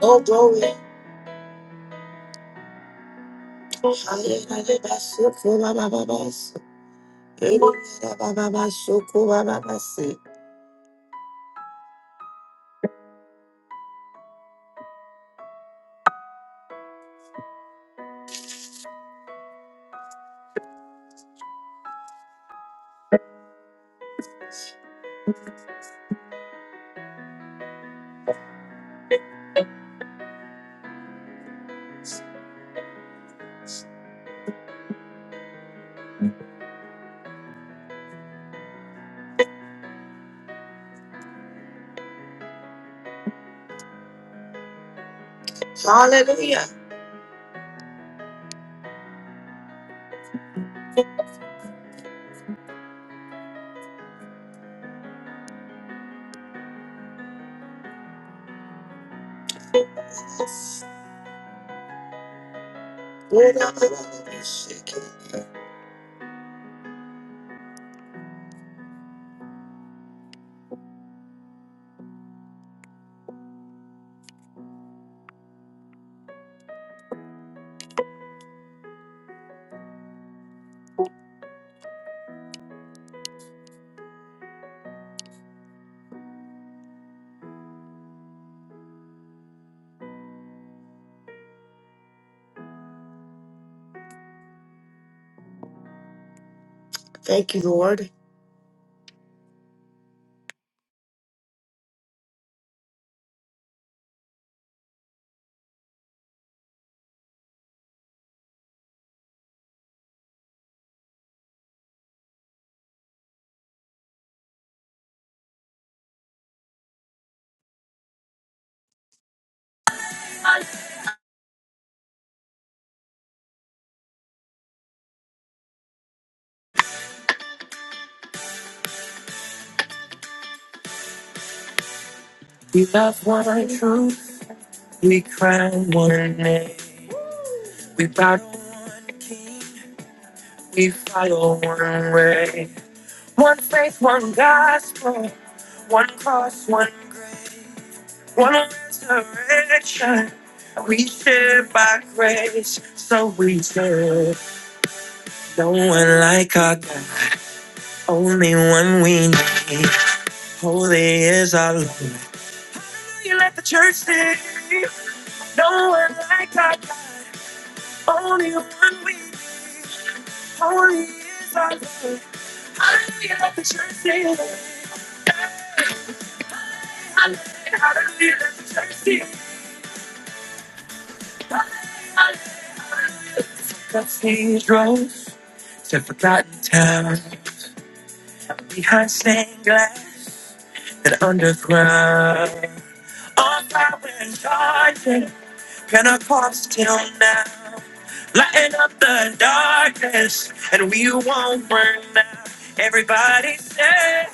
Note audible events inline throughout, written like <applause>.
Oh glory. Hallelujah. Thank you, Lord. We love one, truth, we cry one name. We bow, we follow one way. One faith, one gospel, one cross, one, one resurrection. We share by grace, so we serve. No one like our God, only one we need. Holy is our Lord. You let the church sing. No one like our God, only one we need. Holy is our Lord. Hallelujah, let the church sing. Hallelujah, hallelujah, let the church sing. Hallelujah. Cathedrals to forgotten towns, behind stained glass and underground. On fire and charging, Pentecostal now. Lighten up the darkness, and we won't burn out. Everybody say,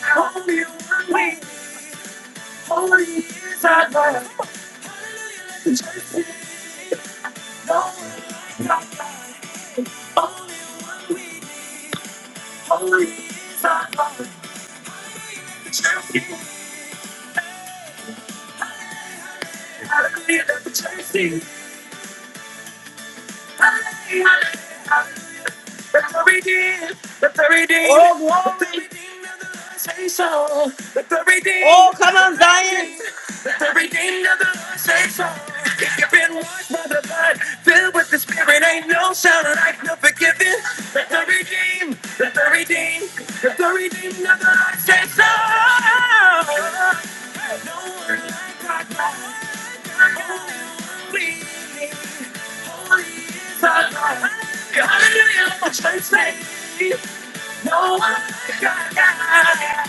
Holy, holy, holy is our God. No one like God. Holy, holy is our God. The church is out of the church. is- hallelujah, Let the redeemed, let the redeemed, oh, glory. let the redeemed of the Lord say so. Let the redeemed, oh, come on, Zion. Let the redeemed of the Lord say so. If you've been washed by the blood, filled with the Spirit, ain't no sound like no forgiving. Let the redeemed, let the redeemed, let the redeemed of the Lord say so. Hey, No one like our God, no one like our God. Hallelujah, let the church sing. No one like God. Hallelujah,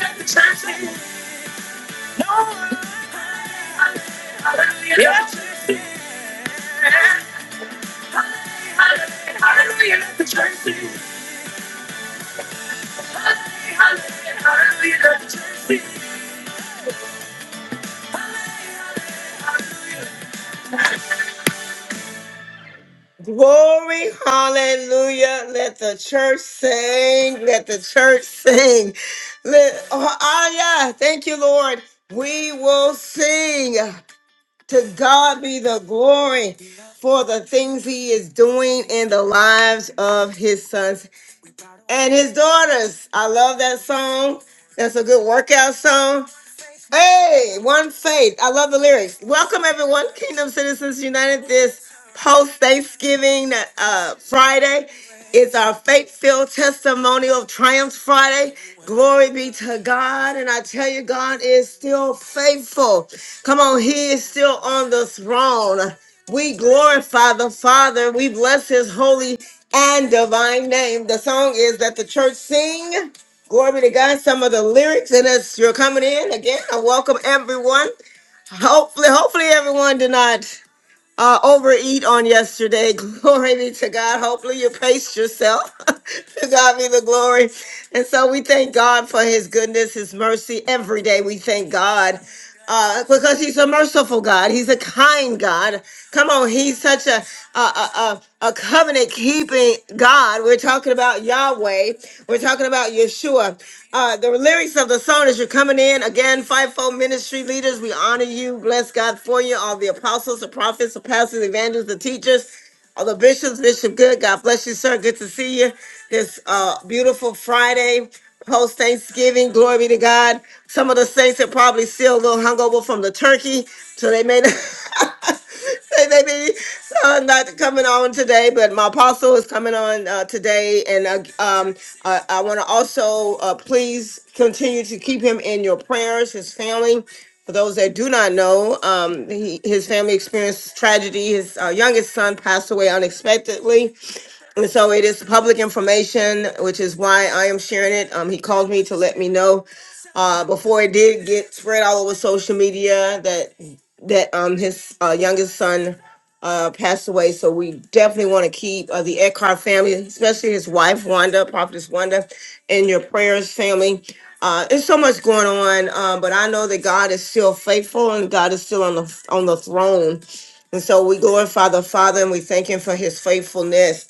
let the church sing. No one like God. Hallelujah, let the church sing. Hallelujah, let the church sing. Glory, hallelujah. Let the church sing. Let the church sing. Let, oh, ah, yeah. Thank you, Lord. We will sing. To God be the glory for the things he is doing in the lives of his sons and his daughters. I love that song. That's a good workout song. Hey, one faith. I love the lyrics. Welcome everyone, Kingdom Citizens United. This post Thanksgiving uh, Friday is our faith-filled testimonial of Triumph Friday. Glory be to God, and I tell you, God is still faithful. Come on, He is still on the throne. We glorify the Father. We bless His holy and divine name. The song is that the church sing. Glory to God. Some of the lyrics, and as you're coming in again, I welcome everyone. Hopefully, hopefully everyone did not uh, overeat on yesterday. <laughs> Glory be to God. Hopefully you paced yourself. <laughs> to God be the glory. And so we thank God for his goodness, his mercy. Every day we thank God uh, because he's a merciful God. He's a kind God. Come on, he's such a, a, a, a, a covenant keeping God. We're talking about Yahweh. We're talking about Yeshua. Uh, the lyrics of the song as you're coming in again, fivefold ministry leaders, we honor you. Bless God for you, all the apostles, the prophets, the pastors, the evangelists, the teachers. All the bishops, Bishop Good, God bless you, sir. Good to see you this uh, beautiful Friday post Thanksgiving. Glory be to God. Some of the saints are probably still a little hungover from the turkey, so they may not. <laughs> they may be uh, not coming on today, but my apostle is coming on uh, today, and uh, um, I, I want to also uh, please continue to keep him in your prayers, his family. For those that do not know, um, he, his family experienced tragedy. His uh, youngest son passed away unexpectedly. And so it is public information, which is why I am sharing it. Um, he called me to let me know uh, before it did get spread all over social media that that um his uh, youngest son uh, passed away. So we definitely want to keep uh, the Eckhart family, especially his wife Wanda, Prophetess Wanda, in your prayers, family. Uh, there's so much going on, uh, but I know that God is still faithful and God is still on the on the throne. And so we glorify the Father and we thank Him for His faithfulness.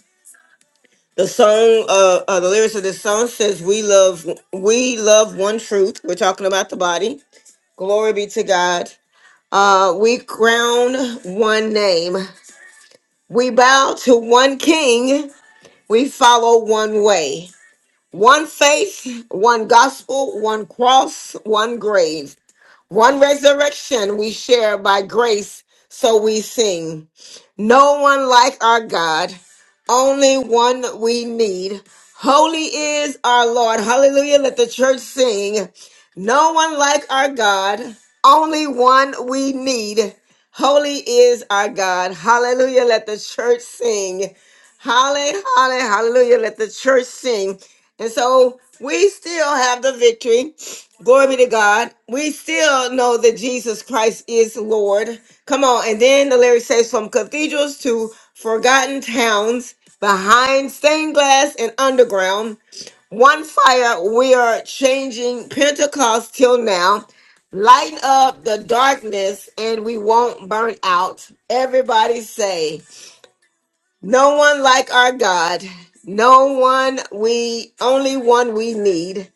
The song, uh, uh, the lyrics of this song says, "We love, we love one truth." We're talking about the body. Glory be to God. Uh, we crown one name. We bow to one King. We follow one way. One faith, one gospel, one cross, one grave, one resurrection. We share by grace, so we sing. No one like our God, only one we need. Holy is our Lord. Hallelujah. Let the church sing. No one like our God, only one we need. Holy is our God. Hallelujah. Let the church sing. Hallelujah. Hallelujah. Let the church sing. And so we still have the victory. Glory be to God. We still know that Jesus Christ is Lord. Come on. And then the lyric says from cathedrals to forgotten towns, behind stained glass and underground, one fire, we are changing Pentecost till now. Light up the darkness and we won't burn out. Everybody say, No one like our God. No one we, only one we need.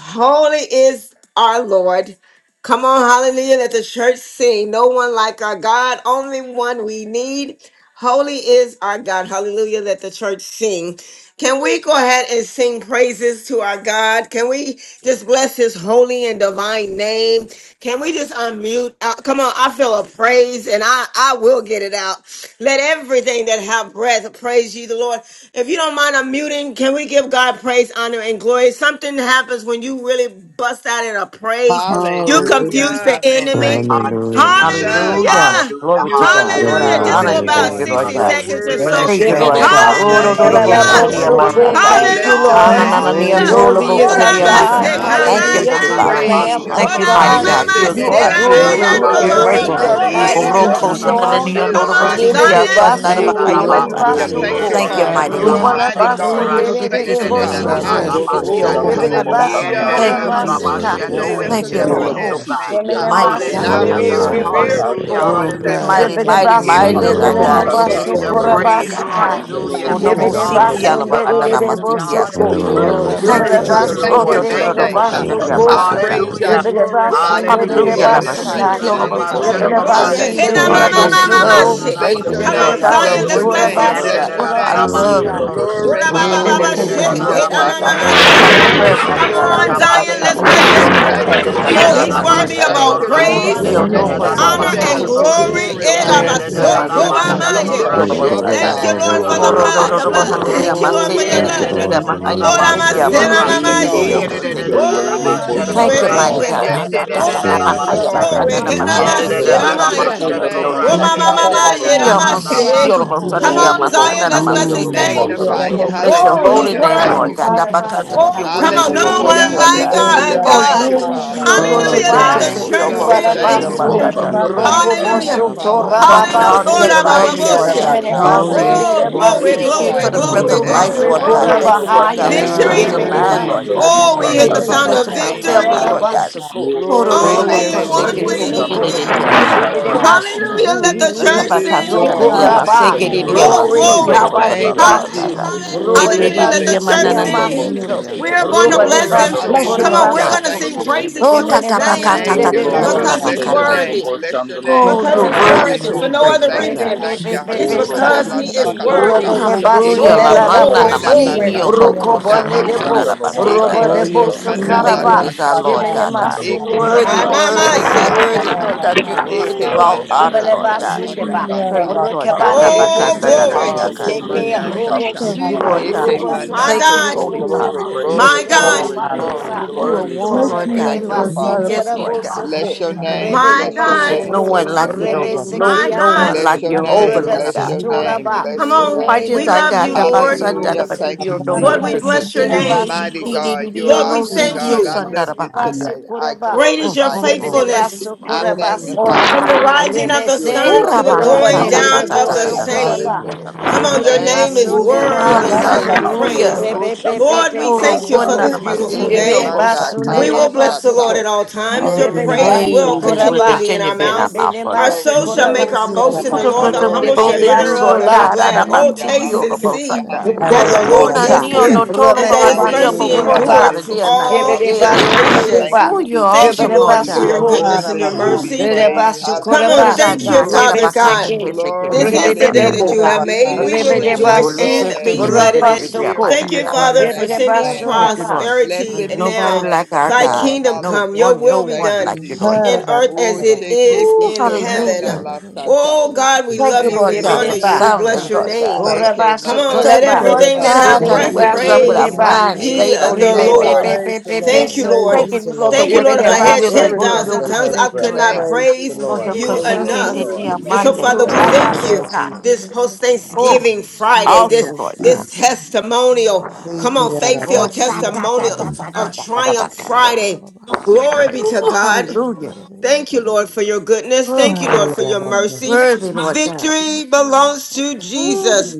Holy is our Lord. Come on, hallelujah. Let the church sing. No one like our God, only one we need. Holy is our God. Hallelujah. Let the church sing. Can we go ahead and sing praises to our God? Can we just bless his holy and divine name? Can we just unmute? Uh, come on, I feel a praise and I, I will get it out. Let everything that have breath praise you, the Lord. If you don't mind unmuting, can we give God praise, honor, and glory? Something happens when you really bust out in a praise. You confuse Hallelujah. the Hallelujah. Father, enemy. Thank you, Hallelujah, thank Hallelujah, you, glory to Jesus. Jesus. God. Jesus. Hallelujah. Hallelujah. Hallelujah, Glory to You are I God. Lord, hallelujah. I Hallelujah. Hallelujah, Just Glory honor praise worthy, for to and your about praise hallelujah, name, you, Lord. Lord 60 You Father. God. are hallelujah, seconds or We worthy. so. bless Yes, Praise hallelujah. your you, We Give name, it worthy a Lord oh God. bless to you. God. your bash God. In Oh, the on do, do, name. We do, the bush, bo, give Glory you to right kanda, Hallelujah. the level, dia, there. God, so ma, glory. hallelujah, cool. Hallelujah. We give We you Thank the you, bless your honor. Hallelujah. Ah, na, Lord. na, na, name. We Oh, nia, Thank give Hallelujah. Hallelujah. you, Hallelujah, no, you lo, yes, Father Worthy bo, is God. kanda, Lord. Ora our I glory, dia, hallelujah. Eh, ma, give you God. mase praise Ikabate the hallelujah, Yeah, da, katapa, honor, da, holy Thank you, da, eh, give hallelujah. Hallelujah da, you Holy name. da, to the sing You da, are kamanaya. Father. that ba, the so Lamb sha, praise. da, koro worthy bush, Thank go, of you, Ora right to ra, be mighty God. shante Glory mama sha, God. to da, praised. Blessed You're seba da, You God, mase be da, are God. da, the da, You're da, name good. da, shante. of hallelujah, You ramaya good. Oh, the ba, no are Wonderful You're bo sha. yes, bo Lord. great. bo You merciful. are Shataya. Lord. bo yellow, bo Yeah, Thank mighty. Oh, you, da, bo boss, da, ro, You Hallelujah. da, are bo ko, da, sa, da, Shandalo Koro se. na, na, ba, Jesus strong. sha, Jesus. nia, da, shante no, go, is Come do, bo, Mosai, ra, seba on, Lord. si, sha, Arrive ki, yellow, koro ah, da, de da, Zion. sa, boss, da, na, da, da, da, basso, shante. ba, da, Thank Oh, ha, de you, da, ya, de ba. la, de sa, Lord ta. hallelujah. Hallelujah. Roller basso Thank Yeah, Hallelujah, boss, you, da, co. Jesus. da, Thank da, you, da, Shandalo Have Father. da, mighty You da, are Mosai, mercy. Ruba God. ba, Thank Shataya. la you, sha, mighty da, Lord go, yellow, basso, Oh, God. ra, do, God. boss, You de do, are de do, sha, do, de ki, da, de faithful da, si, da, ki, Oh, Bless da, si, your God. da, basso ki, God, si, da, name, Ha. ki, co. Hallelujah, da, bless si, Jesus. ba, ki, Roller my si, boss, oh, sha, Oh, na. bo, Give fear it Shandalo Shataya. sa, a and oh, na. Yeah, basso, da, da, God. Mosai, Bless da, cora Thank your da, yellow, you, hallelujah. da, For name, da, basso ba, this is God. Jesus. ca. sha. the yeleloboshandelobosakaya, Hallelujah, day No that Thank the ancient you, yelelobosite. Wuloboshandelobosakaya, yelelobosite. of Hallelujah. Lord Lord. Shataya. Hallelujah. days, has oh Oh, God. Wuloboshandelobosakaya, made. Ha. Yemene mighty Give And you God, I masunde Hallelujah, mighty de will, praise, God. de God. we de Lord. yelelobosite. Yelelobosite, Hallelujah, will yeleloboshandelobosakaya, My bosoko. Hallelujah. God. Oh, rejoice Shataya. Hallelujah. and yelelobosite. be God, Hallelujah. I Mighty, Shebede glad thank mighty, We in you it. give right you Thank mighty basunde you the is now. de for our de your glory. God. Hallelujah, de Thank you, Yeah, We love, give yeah, Pandalamosataya, you yeah, your yeah, bosoko the Jesus. yeah, Shataya. Thank yeah, kind, I praise. your got you. Hallelujah. that. Lalabosita, rabasakai. mercy, God. Hallelujah. Oh, Blessing the no Ha. Thank more you, Yes, Shebede presence Father. siki of ala Jesus. Thank Hallelujah. basunde you, de bahana de Jesus. na God. Yalalabosandalabosataya, de Hallelujah. You are masiki bosoko. worthy, asata. Hallelujah. Koro Lord, Hallelujah, worthy, I Thank Shebede you, Yelabosita, shante worthy. bless Thank I you, Shataya. Jesus. thank Oh, seba Lord. basunde you to de to de to Thank de to you, today. shante. to Ha. Oh, you. deria Jesus. God, I bosoko. this Yalalabosandalabosataya, is masata. praise you, I complicated. Hallelujah. Shebede Seba Lalabosita, Ooh, glorify you, basunde and de I shante Hallelujah. de Hallelujah, Yeah, la da, da, Calaboose, da, magnify Lulabosita, seba da, basakai. your basiki da, ala da, Glory, glory, name. ba, shante. bahana sha, da, deria glory, Shebede ka, ra. masata. glory. Hey, basunde na de Lord, Yalalabosandalabosataya, de I Yeah, mama da, Hallelujah, da, just calaboose, mama da, da, love da, Jesus. bosoko. da, mase. Lalabosita, da, calaboose, Bless ba, praising your you, Come Shebede sha. Lord name. on, God. I Oh calaboose. love Zion. Bless Let's your basoko bless worshiping you, name. Yeah, him. da Lord da God. Bless Yalalabosandalabosataya, da rabasoko your da da I da name. ba God, Jesus. love sha da rabasakai. kor. God, Glory. Yelabosita, Ora ba Yeah, God. ba da ba da ba da communicating da she. Yemene with da Oh, you, da Hallelujah. Lord Hey, da na ba God. Thank I masunde sha you, de mama I da love de the Jesus, have kor masa. Yalalabosandalabosataya, a ra Jesus. corporate sha bubble prayer, da bosoko. da Father Come da set Lalabosita, da God. I da on, thought Glory. da tire. that ba I Yabba did Zion. sha not Let's da. Yara believe bless you We Jesus, Hallelujah. on him. have no Yeah, a God, da Thank go da Shandalamosataya, to you, da bubble glory da God da to Jesus. Oh, set your deria da he's da name, ba Lalabosita, tire. worthy yes, masata. of sha da Thank all God, kor you, ra we Uri sha Lord. praise. da We dio Oh, da da no da bless God, you, da calaboose. you kose da are ba honor, the Yalalabosandalabosataya, glory kese sha and today. da to Lord. kese We your kor. name, kese Praise glory. Lalabosita, the Jesus. dio Yeah, glorify da Lord da you sonde of da Yes, da dia God. da today. God, da Shanda we matana ba na Lobo Dear sha da We God, kor Erabasokomamaye. matiti Sataya I lift ra have ora a ocean, you sha up, da bubble, bosata. da da Lobo Thank da da da God. you, destiny, da Lord, You Sita are for bubble, the calaboose. Yellow bubble Oro da ro worthy. ba Lobo blood, ro ocean, set the You ro sha da are ro Shanda blood. tire. Lobo kor. worthy. hanania Thank you, You are Lord, Oh, for your maseke Yeah, de Sataya worthy. Thank da the da da Lobo blood. bidia God, da Lord. da Good da I'm da morning, mahayala ba Dad. not And sha I da tendia You're kor. need ra. you to maseke worthy, Ooh de be Lord. God. Yeah, Lobo Oramaseramashe. da bidioko Good da da Sita da You're teke morning. I da te. Yellow da am on worthy ba Oh, to tree Lobo sha da by be thank you, your kor Shanda Thank glory, you, ra Lobo mighty Jesus, praised. fire. sha glory. God. da Ah, da Sataya da Blessed da, da be da, da the da, da da, Lobo Restore, da name ba, of ba ha, the Oh, Sita ya, refresh, ba, sha and da. by Lord. sa, da, glory. da, ma, si, redeem the Yeah, thank da ki, you. da ki, da time ah, da Hallelujah. ka, da Hallelujah de, ba Henamaseramaya. Bless de, your sha da oh, Shanda kor no, Lobo name. ra Oh, no. Dear Bless sha mama, your God, da name. Sataya da mama, da Ooh, da Lobo da dia, ocean, da ma, da Sita si, ba destiny, sha ki, yeramase. da. ora, God, ma, sa, na, Come ocean, Ooh dia, on, ma, Glorify Lobo sa, na, Zion, you. na, let's Sita ma, bless se, his Yellow ki, dia, Lobo Mm. name. ko, ko. Magnify Shanda dear you. Lobo God, Bless your Oh, ocean, he's Sataya holy Hallelujah. name, Thank dear Lord worthy. Lobo you, God. God, Da, Jesus. ba, Sita ka, Oh, ta, ocean, You're Oh, this come worthy on. to Ooh be Rababahaya, No Lobo Yabba praised, Hallelujah. one Lord Sita like God. Rababayasi. Yellow our Hallelujah. Lobo Oh, Thank God. yeah, you, Shanda Lobo Father. you go Oh, Sataya take Hallelujah. it, Let Lidiba, the take Shiedebeasi, Thank it, Lobo God. you, your church Sita Lord. boss, and the Yellow Thank dear you, boss, Lobo Thank Duvarabasu, I sing. Kiarabayahaya. you. Jesus. Shanda Lobo Mm. Sataya Oh, Rokobosu, Hallelujah. Hallelujah, Father. Oh, Lord, Rababakanda, you're Yellow Hallelujah. all Oh, We bossy, together la, Torababasindeba, glory ba, ba, thank lovely, to bo, Yedebeasi, you, your yellow name, Lord bossy, shi. Father. We God. Oh, Yemerebasu, Jesus. praise yes, Chiedebeasata. you. Oh, We Oh, I'm we glory, thank so Nerebasuko, you Oh, glorify glory, for the tired you. We breath glory, of of life, it. Rubasu, Rababakaya, glory, Lord magnify God. you. glory. Thank yellow you, Rabayasi, Lord Korabahaya, Thank God, for you, for you Yeah, are Victory. soundness of God. I I mind, worthy bossy, Kiarabayanda. think Lord Nerebasu, to God. it's be a yellow Oh, we hear Thank the you praised virus. for in sound the of blessing my name of family, victory. Lord Jesus. God. Thank Hayalabayaso, Yedelebashundarabasoko. Oh, no, no, Glory, no, Oh, no, Only cause yes, Kuyedebeashi, they Lord, one can't it say, we will hallelujah. "Get it, shine need. Rebebebebesoko. it, in it, the Jesus Chiedebeanda. yeah, earth. my is So God, Lord." Lord. you, I'm not Jesus. Hallelujah. Let certain. the Rababakanda, Shebedebasihihihihi. church Jesus is Ratabakasa kana Lord. sing. dia Yedebeasi, Chokoraba. maseke dia So I'm Hallelujah. dia not Kiarabaya. Oh, Glory, masiki bossy, ono glory. certain. mokana Thank dia you, Oh, Habadebasu, masata. Jesus. Yes, Hallelujah. Rababakaya, Edi Glory, Hallelujah. edi Let dia the Yedebeasi, church mana na hallelujah, na ni sing. Jesus. Rubadebasikiyamasuko, ono Kiarabayanda, We're going mokana. to bless Glory, him. Rabayasoko. Bless you, Come on, Lord we're hallelujah. God. going to Rubadebasokorabasuko, Thank sing you, praises Oh, Jesus. to Shirerebeyasi, his name tatabakasa Thank you, Lord. because he's Yemenemashunderebasuko, Bless your tatabakande. name. worthy. kiererebeyandararabayasata. Bless your name. Oh, Because you're he's de O Glory, worthy worthy. to basu, For be no hallelujah. rababakanda praised, other Lord Thank rebe you, God. reason. be thank be Ocean, you. yererebeyasi, be It's be destiny, Olo God, Hashokanda sati. because la he bosite is ocean, kiererebeyahai. yelo Ooh, Robe worthy. sakatuka. lobo de shanda basu hallelujah. Eke lomo Rebebebebebesati. La Oh, la da busho sata mana na glory, Shirerebeyasi, yelo kanda boxi. la glory. manini boshi. obo Mm. bosite kose satakunda Rukobone de kose lasha. bo. na shanda na kiererebeyandarabayasoko, lomo batata. Robo Eke de sata Oh, bo yelo busho yes, I lobo kanda la remember Yes, sakaraba. site Faithful you is our yelo said yererebeyandararabayasoko. sakata. Lord lobo Shemene God. God. shanda something. Jesus. lomo Eke masundele de de Worthy, My, sata bisho my, yelo my, worthy, basuku. kanda lobo say. la worthy, site shaka. Lord God. You're worthy of Eke Yararabayandorarabayandararabayasoko, yelo all manda honor, bosite Lord kata yelo God. yererebeyasata, lobo shanda Yebelebasundeba, shanda basa. Praise, yararabayahai. lomo Lord God. Na sata. Eke Oh, bakata na na manda Rokebanedebosete, glory. dia Hararabayasi, koko kase. Keke manda Hallelujah, Glory to We shata. thank you, hallelujah. Robosu, Lord Thank you, kiererebeyandararabayasi, God. Eke Father. We God. My manda thank Robosukaya you, God, Thank kiererebeyahai. koko. Holy I Father. Glory, rebe praise my glory, the God, holy glory, name. Mhm. glory, You Ratabandebasa, Hayararabayasoko, You are glory, worthy to one, be Lord glory. praised. yererebeyahai, God. Thank You you, are, Father. Remedevasite yes, your Lord name, God. Bless Robosuke, your ocean, Yes, name, dear Rababahaya my bless your God, There's God, name, no Lalabayasi rebe one bless like your you, Chierebe Lord Hallelujah, name, God. No, my no hallelujah. God. one ocean, bless Rebesekiabasu, like Shanda your lomo Handari Jehovah, name, sata. yara Lord bless God. your matara name, Rebeseturaba, Come bless Shuyereyasi your on. name. Pages We I love Kierebe you, got up Rebenemaseko Lord. asanda da Hallelujah. matokoro Rabaseke, Thank Yandaranabayasoko batidio you, no matara Lord, we Andrei Jesus. matara bless your corpecete. You are Yaroslavich name. and mighty Rebesekirabasuko, He Yerebeyasa did God. You you Lord, are no we awesome thank matiki sikio God. you. I yara sanda love da Terabayandaranabayaso you Rebenemaseko matara bahanda. today. Yerebe I Rabasukuraba, Great is Mm your glorify mm you mm. today. O faithfulness Rebenebasu I thank you, Rababahaya tokoro thank O you. magnify Kurabasaka, matara you from the Lalabayasa taba. today. rising of the You're For Rebese, you sun are Ura to faithful, the baha Terabayandaranabayaya God. ta going worthy ta Hallelujah. Robanene to ta de down be ta of ta the ta ta Boso I praised. ta matokoro ta ta praise same. Coraba, Hallelujah. your ta. Come holy on, your Rebede name Thank is you, Glory Masunde Ooh, to your Jesus. Holly, worthy name. name, yara to Thank be Masoko, you, Jesus. Jesus. Hallelujah. hallelujah. matara praised. Thank you. Hoshe Shandala Lord, we kana Rebebe Oro thank O you masa. for Soko, konda na this Mosata, Yellow. tokoro beautiful Rababahaya Eke masikio Rebede day. matara manda Lalabayasa Basunde bosata. We matara pa. yara kala de will bless the Terabaya Lord shata. at Masoko, all times. Your Glory, Rebede Hallelujah. praise Yes, Baso will Praise matara God. and hallelujah. matara will continually Coraba, Yes, Thank be in you, continue our being our mouths. Jesus. Jesus. mouth Rebede for Our God. Masu Glory, soul O shall make glory. our tiki Corabasoko, yara boast Rababakashi in Who the the matara Lord. good The we you. Glory, humble matara pa. Rebede shall both hear Yerebeyasa in you, thereof Lord hallelujah, and be Basola, God, out glad. of Glory our Oh, to hallelujah, taste sikio and see God. hallelujah, bosata. that the handari hallelujah, Lord yara Tucorabosa, is Yerebe Hunanio matara hallelujah, good no tola and that Romane his bahandio Basu mercy hallelujah, Thank bokosa da Coraba, da endureth to dia hallelujah, nante all Rebede Basu yede. hallelujah. Yererebayasa generations. Thank Nuba, Oh, you, you're Thank Jesus. tererabayaso Rebe you, awesome, de you. Lord, Lord for You God. your are Basuko, goodness matara and worthy koyererebayandara your to Oh, matara matara be pa. mercy. Ara praised. yara Come great on, Rebasokoraba, is Hallelujah, our thank you, God. matara Tata glory, Father shiyererebayasi baka God. seke Rebeseke, seke glory, This Thank bidia is the you. tiki kiyararabayahaya day kata. Mm. that hallelujah. you yara For Rebeleboha, have this made. matara is We the will day matara that rejoice the shiyererebayasi Lord Rebelebasi, Uleke and se be has de glad made, bidi in and de we it. bidia will Rabasoko, mata Thank da you, da matiki kiyererebayandarabayah baka. rejoice Father, yara for and be sending matara matara glad in. it. pa. Thank you, Rebelebasunema, Lord. prosperity Blessed be the Nobody now. shiyererebeyasi name like of our the Thy God. Lord. kingdom No come, kiyererebeyanda your one, Hallelujah. no will be Thank one you, done like you, Jesus. Lord Ara in God. earth Oh, as matara it sheke is Oh, in busho pa. orababakanda kana heaven. hallelujah. la yererebayasi sata. Oh God, we chererebayah Thank love you, Yes, you. Eke Lord We God, honor for manda you. Rebeleba, We kaka. soundness, bless your Lord Yes God. name. Lord Eke thank you Come manda on, let Thank you, Korabasokoraba, kuku Jesus Lord everything that manda have God, that to Ora shike breath wake us up with manda. our praise Rebelebasuneba, minds ye E orababakayererabayah stayed on the you, Lord basata Lord. God. praise baba the Rebebebebebe Lord. Thank you, sata. Praise soko, Lord. ye Thanking shiyererebeyasi the you, Lord, for Lord. Thank you, Yes, Lord. working If us I the God. Let had will of the Thank do you, of everything your kiyararabayandarabayah 10,000 Rebelebasokoraba, that good Jesus. tongues, has I pleasure, could breath Lord not Thank God. you, praise the praise Jesus. Lord, Lord. your you Praise You ye are the enough. Rebelebasu, consecrated day Lord. worthy, orababahayarabayasi And so, Lord. Monday. You Father, are we Thank chererebayah you, thank worthy. you Lord Shukurabasakai. this Hallelujah. Jesus. post Thank Oh, Thanksgiving you, Thank Friday, awesome, this you, Jesus. Lord Abba. God. this testimonial, Glory, Thank come on, you, faith glory. Abba. Oh, filled sa- Hallelujah, da- Thank da- testimonial da- da- da- Jesus. da- of da- da- Triumph ba- ka- de. Friday. Glory be to Ooh, God. hallelujah. Thank you, Lord, for your Harababakayarederebeyaschiyarederebeyantadadabaya. goodness. Oh, Thank you, Lord, you, for your Abba. Thank you, mercy. worthy, Lord God. Jesus. Thank Victory you, Lord belongs God. to Ooh, Jesus.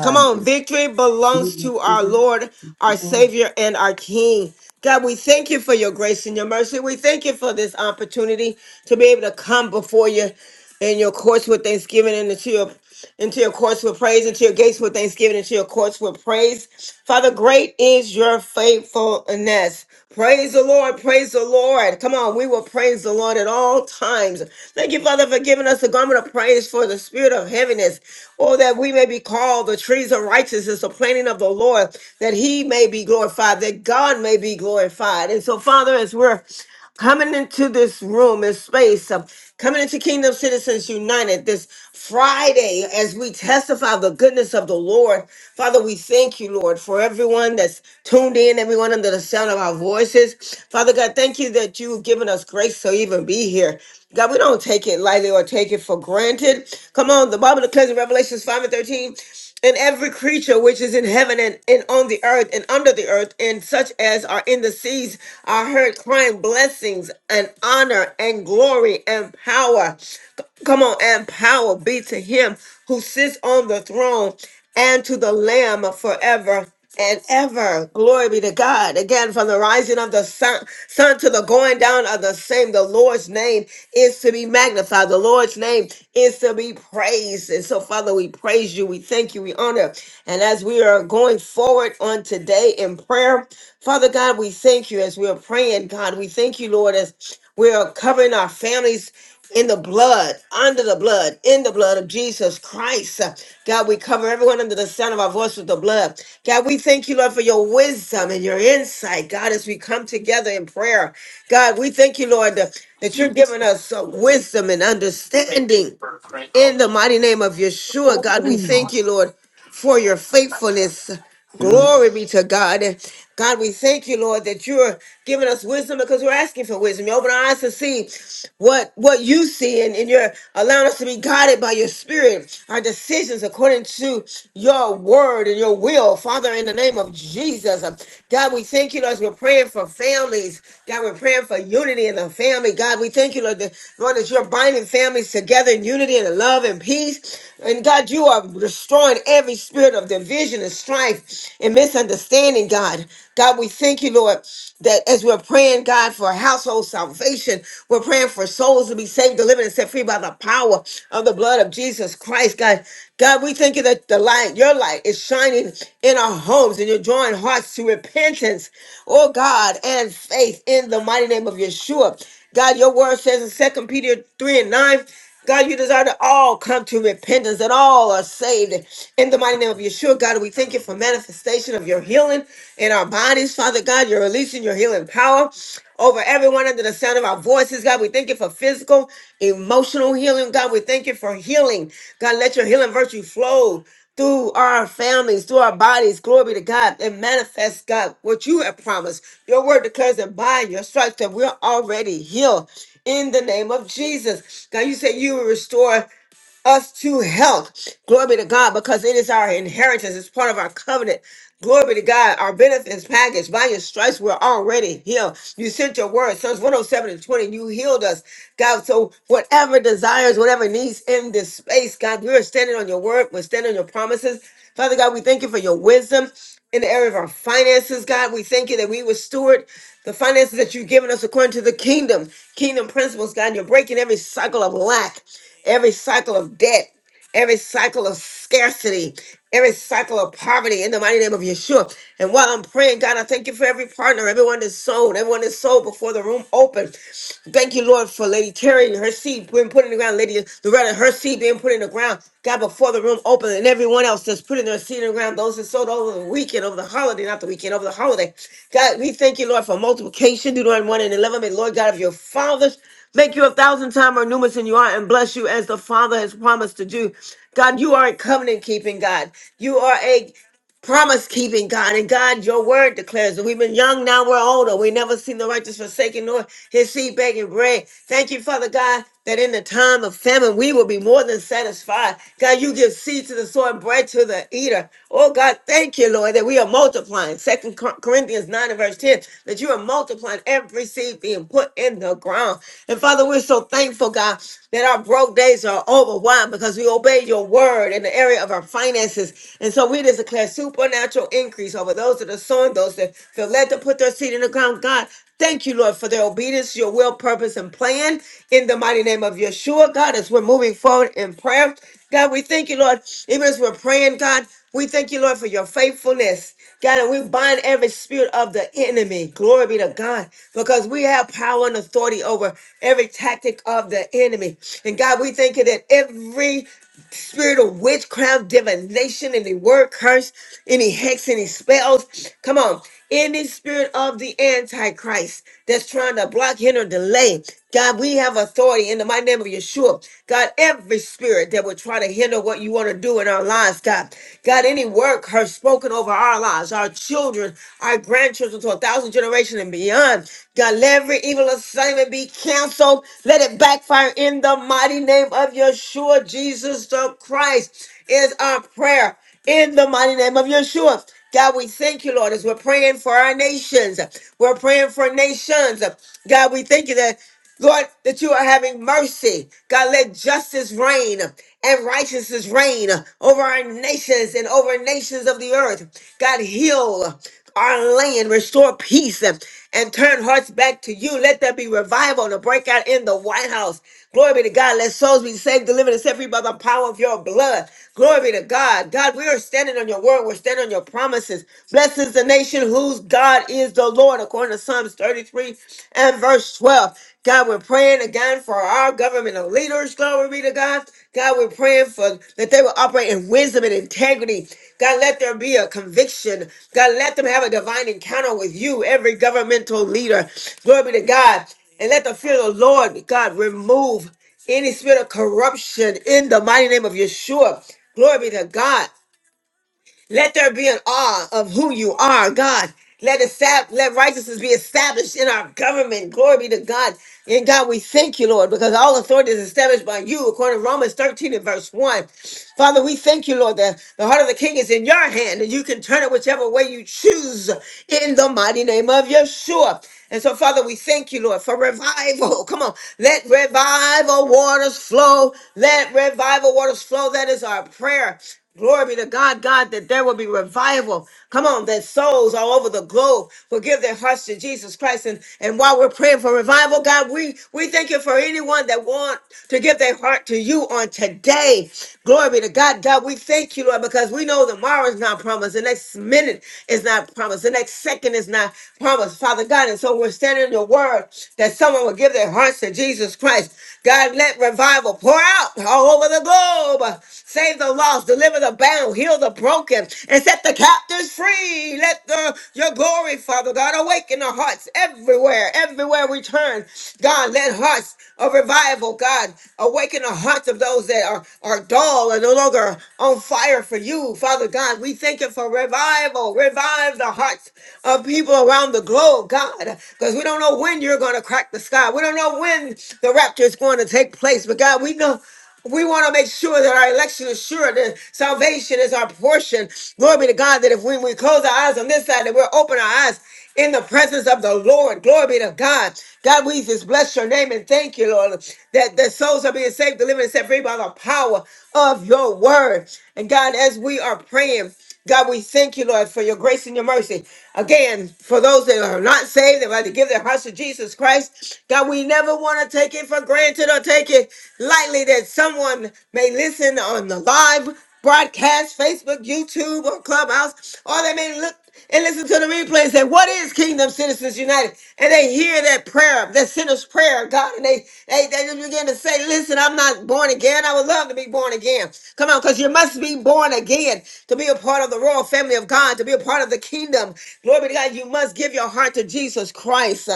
Come Thank you, on, Abba. victory belongs to our Lord, our Savior, and our King. God, we thank you for your grace and your mercy. We thank you for this opportunity to be able to come before you, in your courts with thanksgiving and into your into your courts with praise, into your gates with thanksgiving, into your courts with praise. Father, great is your faithfulness. Praise the Lord, praise the Lord. Come on, we will praise the Lord at all times. Thank you, Father, for giving us the garment of praise for the spirit of heaviness. Oh, that we may be called the trees of righteousness, the planting of the Lord, that he may be glorified, that God may be glorified. And so, Father, as we're coming into this room and space, um, coming into Kingdom Citizens United this Friday as we testify the goodness of the Lord. Father, we thank you, Lord, for everyone that's tuned in, everyone under the sound of our voices. Father God, thank you that you've given us grace to even be here. God, we don't take it lightly or take it for granted. Come on, the Bible declares in Revelations 5 and 13 and every creature which is in heaven and, and on the earth and under the earth and such as are in the seas are heard crying blessings and honor and glory and power C- come on and power be to him who sits on the throne and to the lamb forever and ever. Glory be to God. Again, from the rising of the sun, sun to the going down of the same, the Lord's name is to be magnified. The Lord's name is to be praised. And so, Father, we praise you. We thank you. We honor. And as we are going forward on today in prayer, Father God, we thank you as we are praying, God. We thank you, Lord, as we are covering our families in the blood, under the blood, in the blood of Jesus Christ. Uh, God, we cover everyone under the sound of our voice with the blood. God, we thank you, Lord, for your wisdom and your insight, God, as we come together in prayer. God, we thank you, Lord, that that you're giving us uh, wisdom and understanding in the mighty name of Yeshua. God, we thank you, Lord for your faithfulness. Glory be to God. God, we thank you, Lord, that you're giving us wisdom because we're asking for wisdom. You open our eyes to see what what you see, and, and you're allowing us to be guided by your spirit, our decisions according to your word and your will. Father, in the name of Jesus, um, God, we thank you, Lord, as we're praying for families. God, we're praying for unity in the family. God, we thank you, Lord, that, Lord, that you're binding families together in unity and love and peace. And God, you are of destroying every spirit of division and strife and misunderstanding, God. God, we thank you, Lord, that as we're praying, God, for household salvation, we're praying for souls to be saved, delivered, and set free by the power of the blood of Jesus Christ, God. God, we thank you that the light, your light, is shining in our homes and you're drawing hearts to repentance, oh God, and faith in the mighty name of Yeshua. God, your word says in Second Peter 3 and 9 God, you desire that all come to repentance, and all are saved. In the mighty name of Yeshua, God, we thank you for manifestation of your healing in our bodies. Father God, you're releasing your healing power over everyone under the sound of our voices. God, we thank you for physical, emotional healing. God, we thank you for healing. God, let your healing virtue flow through our families, through our bodies. Glory be to God and manifest, God, what you have promised. Your word declares that by your stripes that we're already healed in the name of Jesus. God, you said you will restore us to health. Glory be to God, because it is our inheritance. It's part of our covenant. Glory be to God. Our benefits package. By your stripes, we're already healed. You sent your word, Psalms 107 and 20. You healed us, God. So whatever desires, whatever needs in this space, God, we're standing on your word. We're standing on your promises. Father God, we thank you for your wisdom in the area of our finances, God. We thank you that we will steward the finances that you've given us according to the kingdom, kingdom principles, God. You're breaking every cycle of lack, every cycle of debt every cycle of scarcity, every cycle of poverty in the mighty name of Yeshua. And while I'm praying, God, I thank you for every partner, everyone that's sold, everyone that's sold before the room opened. Thank you, Lord, for Lady Terry and her seed being put in the ground, Lady Loretta, her seed being put in the ground. God, before the room opened, and everyone else that's putting their seed in the ground, those that sold over the weekend, over the holiday, not the weekend, over the holiday. God, we thank you, Lord, for multiplication, Deuteronomy 1 and 11. May, Lord God, of your fathers make you a thousand times more numerous than you are and bless you as the Father has promised to do. God, you are a covenant keeping God. You are a promise keeping God. And God, your word declares that we've been young, now we're older. We never seen the righteous forsaken nor his seed begging bread. Thank you, Father God, that in the time of famine, we will be more than satisfied. God, you give seed to the sower and bread to the eater. Oh, God, thank you, Lord, that we are multiplying. Second Corinthians 9 and verse 10, that you are multiplying every seed being put in the ground. And Father, we're so thankful, God, that our broke days are over. Why? Because we obey your word in the area of our finances finances. And so we just declare supernatural increase over those that are sowing, those that feel led to put their seed in the ground. God, thank you, Lord, for their obedience, your will, purpose, and plan in the mighty name of Yeshua. God, as we're moving forward in prayer, God, we thank you, Lord, even as we're praying, God. We thank you, Lord, for your faithfulness. God, and we bind every spirit of the enemy. Glory be to God, because we have power and authority over every tactic of the enemy. And God, we thank you that every spirit of witchcraft, divination, any word curse, any hex, any spells. Come on. Any spirit of the Antichrist that's trying to block, hinder, delay. God, we have authority in the mighty name of Yeshua. God, every spirit that would try to hinder what you want to do in our lives, God. God, any word curse spoken over our lives, our children children, our grandchildren to a thousand generations and beyond. God, let every evil assignment be canceled. Let it backfire in the mighty name of Yeshua. Jesus the Christ is our prayer in the mighty name of Yeshua. God, we thank you, Lord, as we're praying for our nations. We're praying for nations. God, we thank you that. Lord, that you are having mercy. God, let justice reign and righteousness reign over our nations and over nations of the earth. God, heal our land, restore peace, and turn hearts back to you. Let there be revival to break out in the White House. Glory be to God. Let souls be saved, delivered, and set free by the power of your blood. Glory be to God. God, we are standing on your word. We're standing on your promises. Blessed is the nation whose God is the Lord, according to Psalms 33 and verse 12. God, we're praying again for our governmental leaders. Glory be to God. God, we're praying for that they will operate in wisdom and integrity. God, let there be a conviction. God, let them have a divine encounter with you, every governmental leader. Glory be to God. And let the fear of the Lord, God, remove any spirit of corruption in the mighty name of Yeshua. Glory be to God. Let there be an awe of who you are, God. Let it sab- let righteousness be established in our government. Glory be to God. And God, we thank you, Lord, because all authority is established by you, according to Romans 13 and verse 1. Father, we thank you, Lord, that the heart of the king is in your hand, and you can turn it whichever way you choose in the mighty name of Yeshua. And so, Father, we thank you, Lord, for revival. <laughs> Come on. Let revival waters flow. Let revival waters flow. That is our prayer. Glory be to God, God, that there will be revival. Come on, that souls all over the globe will give their hearts to Jesus Christ. And, and while we're praying for revival, God, we, we thank you for anyone that want to give their heart to you on today. Glory be to God. God, we thank you, Lord, because we know tomorrow is not promised. The next minute is not promised. The next second is not promised, Father God. And so we're standing in your word that someone will give their hearts to Jesus Christ. God, let revival pour Pour out all over the globe. Save the lost, deliver the bound, heal the broken, and set the captives free. Let the your glory, Father God, awaken the hearts everywhere, everywhere we turn. God, let hearts of revival, God, awaken the hearts of those that are, are dull and no longer on fire for you. Father God, we thank you for revival. Revive the hearts of people around the globe, God, because we don't know when you're going to crack the sky. God. We don't know when the rapture is going to take place, but God, we know we want to make sure that our election is sure, that salvation is our portion. Glory be to God that if when we close our eyes on this side, that we'll open our eyes in the presence of the Lord. Glory be to God. God, we just bless your name and thank you, Lord, that the souls are being saved, delivered, and set free by the power of your word. And God, as we are praying, God, we thank you, Lord, for your grace and your mercy. Again, for those that are not saved, they've had to give their hearts to Jesus Christ. God, we never want to take it for granted or take it lightly that someone may listen on the live broadcast, Facebook, YouTube, or Clubhouse, or they may look and listen to the replay and say, What is Kingdom Citizens United? And they hear that prayer, that sinner's prayer, God. And they, they, they just begin to say, Listen, I'm not born again. I would love to be born again. Come on, because you must be born again to be a part of the royal family of God, to be a part of the kingdom. Glory be to God. You must give your heart to Jesus Christ.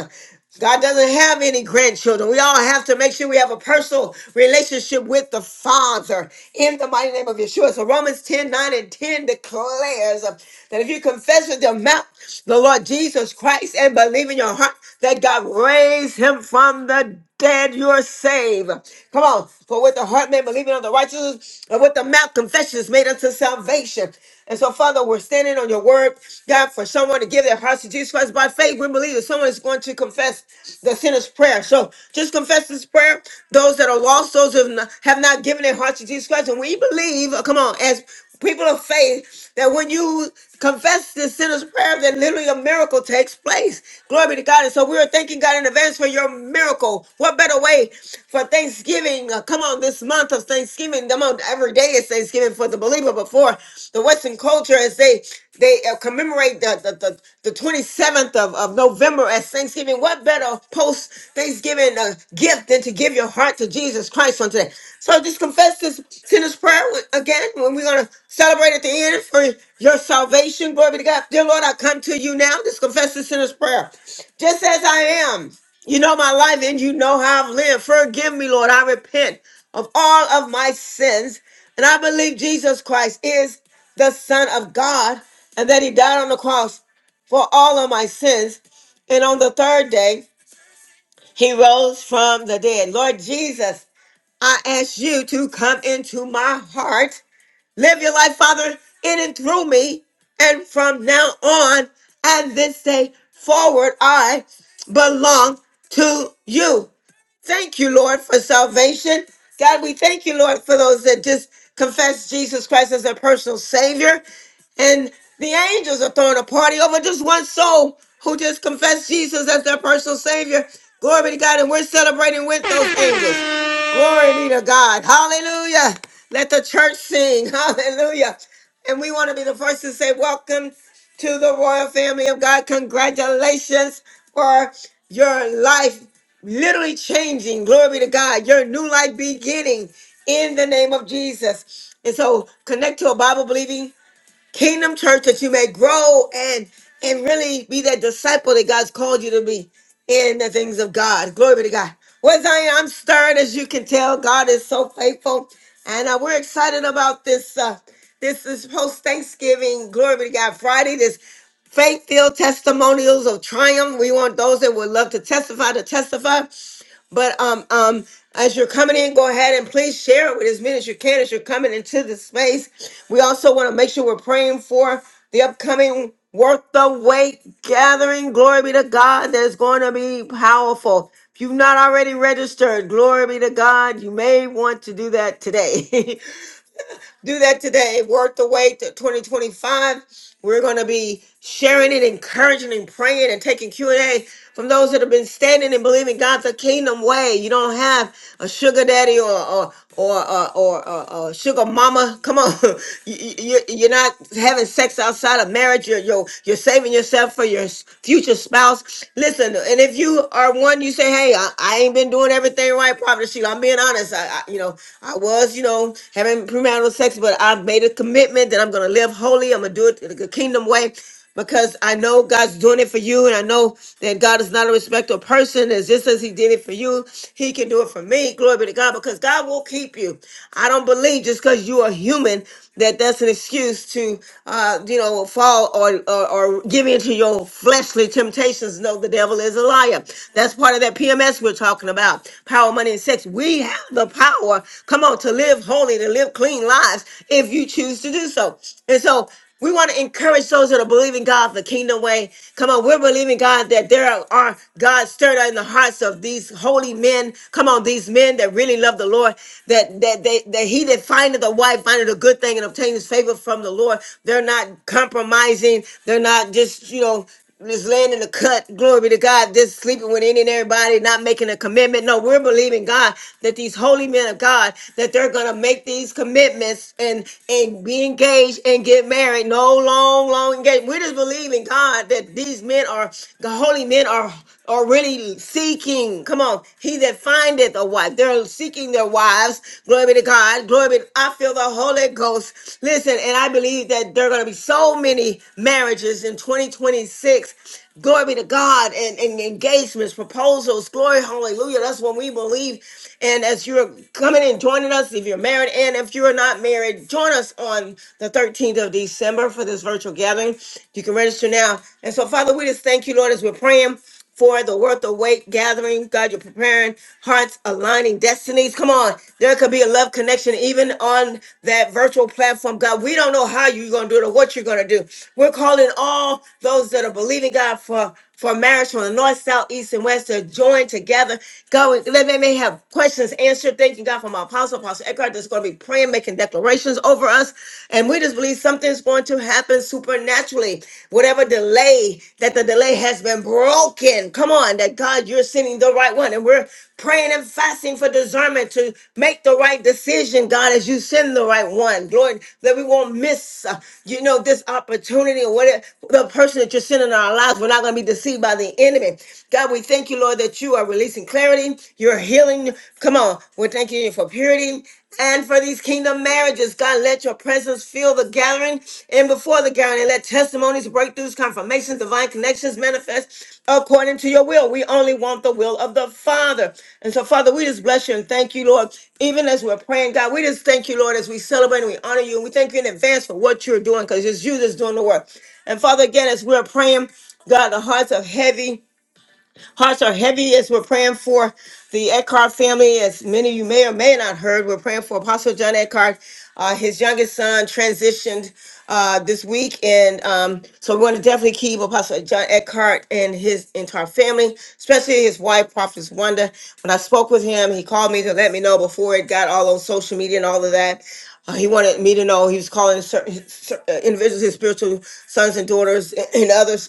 God doesn't have any grandchildren. We all have to make sure we have a personal relationship with the Father in the mighty name of Yeshua. So Romans 10 9 and 10 declares uh, that if you confess with your mouth the Lord Jesus Christ and believe in your heart that God raised him from the dead, you're saved. Come on. For with the heart man believing on the righteousness, and with the mouth confession is made unto salvation. And so, Father, we're standing on your word, God, for someone to give their hearts to Jesus Christ by faith. We believe that someone is going to confess the sinner's prayer. So just confess this prayer. Those that are lost, those who have not have not given their hearts to Jesus Christ. And we believe, uh, come on, as people of faith, that when you confess this sinner's prayer, that literally a miracle takes place. Glory be to God. And so we are thanking God in advance for your miracle. What better way for Thanksgiving? uh, come on, this this month of Thanksgiving, the month every day is Thanksgiving for the believer. Before the Western culture, as they they uh, commemorate the the, the, the 27th of, of November as Thanksgiving, what better post Thanksgiving uh, gift than to give your heart to Jesus Christ on today? So just confess this sinner's prayer with- again when we're going to celebrate at the end for your salvation. Glory be to God. Dear Lord, I come to you now. Just confess this sinner's prayer. Just as I am. You know my life and you know how I've lived. Forgive me, Lord. I repent of all of my sins. And I believe Jesus Christ is the Son of God and that He died on the cross for all of my sins. And on the third day, He rose from the dead. Lord Jesus, I ask you to come into my heart. Live your life, Father, in and through me. And from now on, and this day forward, I belong to you. Thank you, Lord, for salvation. God, we thank you, Lord, for those that just confess Jesus Christ as their personal Savior. And the angels are throwing a party over just one soul who just confessed Jesus as their personal Savior. Glory be to God. And we're celebrating with those angels. Glory be to God. Hallelujah. Let the church sing. <laughs> Hallelujah. And we want to be the first to say, Welcome to the royal family of God. Congratulations for your life literally changing. Glory be to God. Your new life beginning in the name of Jesus. And so connect to a Bible believing kingdom church that you may grow and and really be that disciple that God's called you to be in the things of God. Glory be to God. Well, Zion, I'm stirred as you can tell. God is so faithful. And uh, we're excited about this uh this is post Thanksgiving, glory be to God, Friday, this faith filled testimonials of triumph. We want those that would love to testify to testify. But um um as you're coming in, go ahead and please share it with as many as you can as you're coming into the space. We also want to make sure we're praying for the upcoming Worth the Wait gathering. Glory be to God. That's going to be powerful. If you've not already registered, glory be to God. You may want to do that today. <laughs> do that today. Worth the wait to 2025. We're going to be sharing it, encouraging and praying and taking Q&A from those that have been standing and believing God the kingdom way. You don't have a sugar daddy or or or or, or, or, or sugar mama. Come on. <laughs> you, you, you're not having sex outside of marriage. You're, you're, you're saving yourself for your s- future spouse. Listen, and if you are one, you say, hey, I, I ain't been doing everything right, Prophet Sheila. I'm being honest. I, I, you know, I was, you know, having premarital sex, but I've made a commitment that I'm going to live holy. I'm going to do it the kingdom way because I know God's doing it for you, and I know that God is not a respecter of person. As just as He did it for you, He can do it for me. Glory be to God, because God will keep you. I don't believe just because you are human that that's an excuse to, uh, you know, fall or, or or give in to your fleshly temptations. No, the devil is a liar. That's part of that PMS we're talking about. Power, money, and sex. We have the power Come on, to live holy, to live clean lives if you choose to do so. And so we want to encourage those that are believing God the kingdom way. Come on, we're believing God that there are, are God stirred in the hearts of these holy men. Come on, these men that really love the Lord. That that they that he that findeth a wife findeth a good thing and obtains favor from the Lord. They're not compromising. They're not just you know just laying in the cut. Glory be to God. Just sleeping with any and everybody, not making a commitment. No, we're believing God that these holy men of God that they're gonna make these commitments and and be engaged and get married. No long, long engagement. We're just believing God that these men are the holy men are or really seeking. Come on, he that findeth a wife. They're seeking their wives. Glory be to God. Glory be. to, I feel the Holy Ghost. Listen, and I believe that there are going to be so many marriages in 2026. Glory be to God and, and engagements, proposals. Glory, hallelujah. That's what we believe. And as you're coming and joining us, if you're married and if you're not married, join us on the 13th of December for this virtual gathering. You can register now. And so, Father, we just thank you, Lord, as we're praying for the worth of weight gathering. God, you're preparing hearts, aligning destinies. Come on. There could be a love connection even on that virtual platform. God, we don't know how you're going to do it or what you're going to do. We're calling all those that are believing God for for marriage from the north, south, east, and west to join together. God, we- they may have questions answered. Thanking God for my apostle, Apostle Eckhart, that's going to be praying, making declarations over us. And we just believe something's going to happen supernaturally. Whatever delay, that the delay has been broken. Come on, that God, you're sending the right one. And we're praying and fasting for discernment to make the right decision, God, as you send the right one. Lord, that we won't miss, uh, you know, this opportunity or whatever the person that you're sending in our lives. We're not going to be deceived by the enemy. God, we thank you, Lord, that you are releasing clarity. You're healing. Come on. We thank you thank you for purity and for these kingdom marriages. God, let your presence fill the gathering and before the gathering, and let testimonies, breakthroughs, confirmations, divine connections manifest according to your will. We only want the will of the Father. And so, Father, we just bless you and thank you, Lord. Even as we're praying, God, we just thank you, Lord, as we celebrate and we honor you. And we thank you in advance for what you're doing because it's you that's doing the work. And Father, again, as we're praying, God, the hearts of heavy. Hearts are heavy as we're praying for the Eckhart family. As many of you may or may not heard, we're praying for Apostle John Eckhart. Uh, his youngest son transitioned uh, this week, and um, so we want to definitely keep Apostle John Eckhart and his entire family, especially his wife, Prophetess Wanda. When I spoke with him, he called me to let me know before it got all on social media and all of that. Uh, he wanted me to know he was calling certain, certain individuals, his spiritual sons and daughters, and others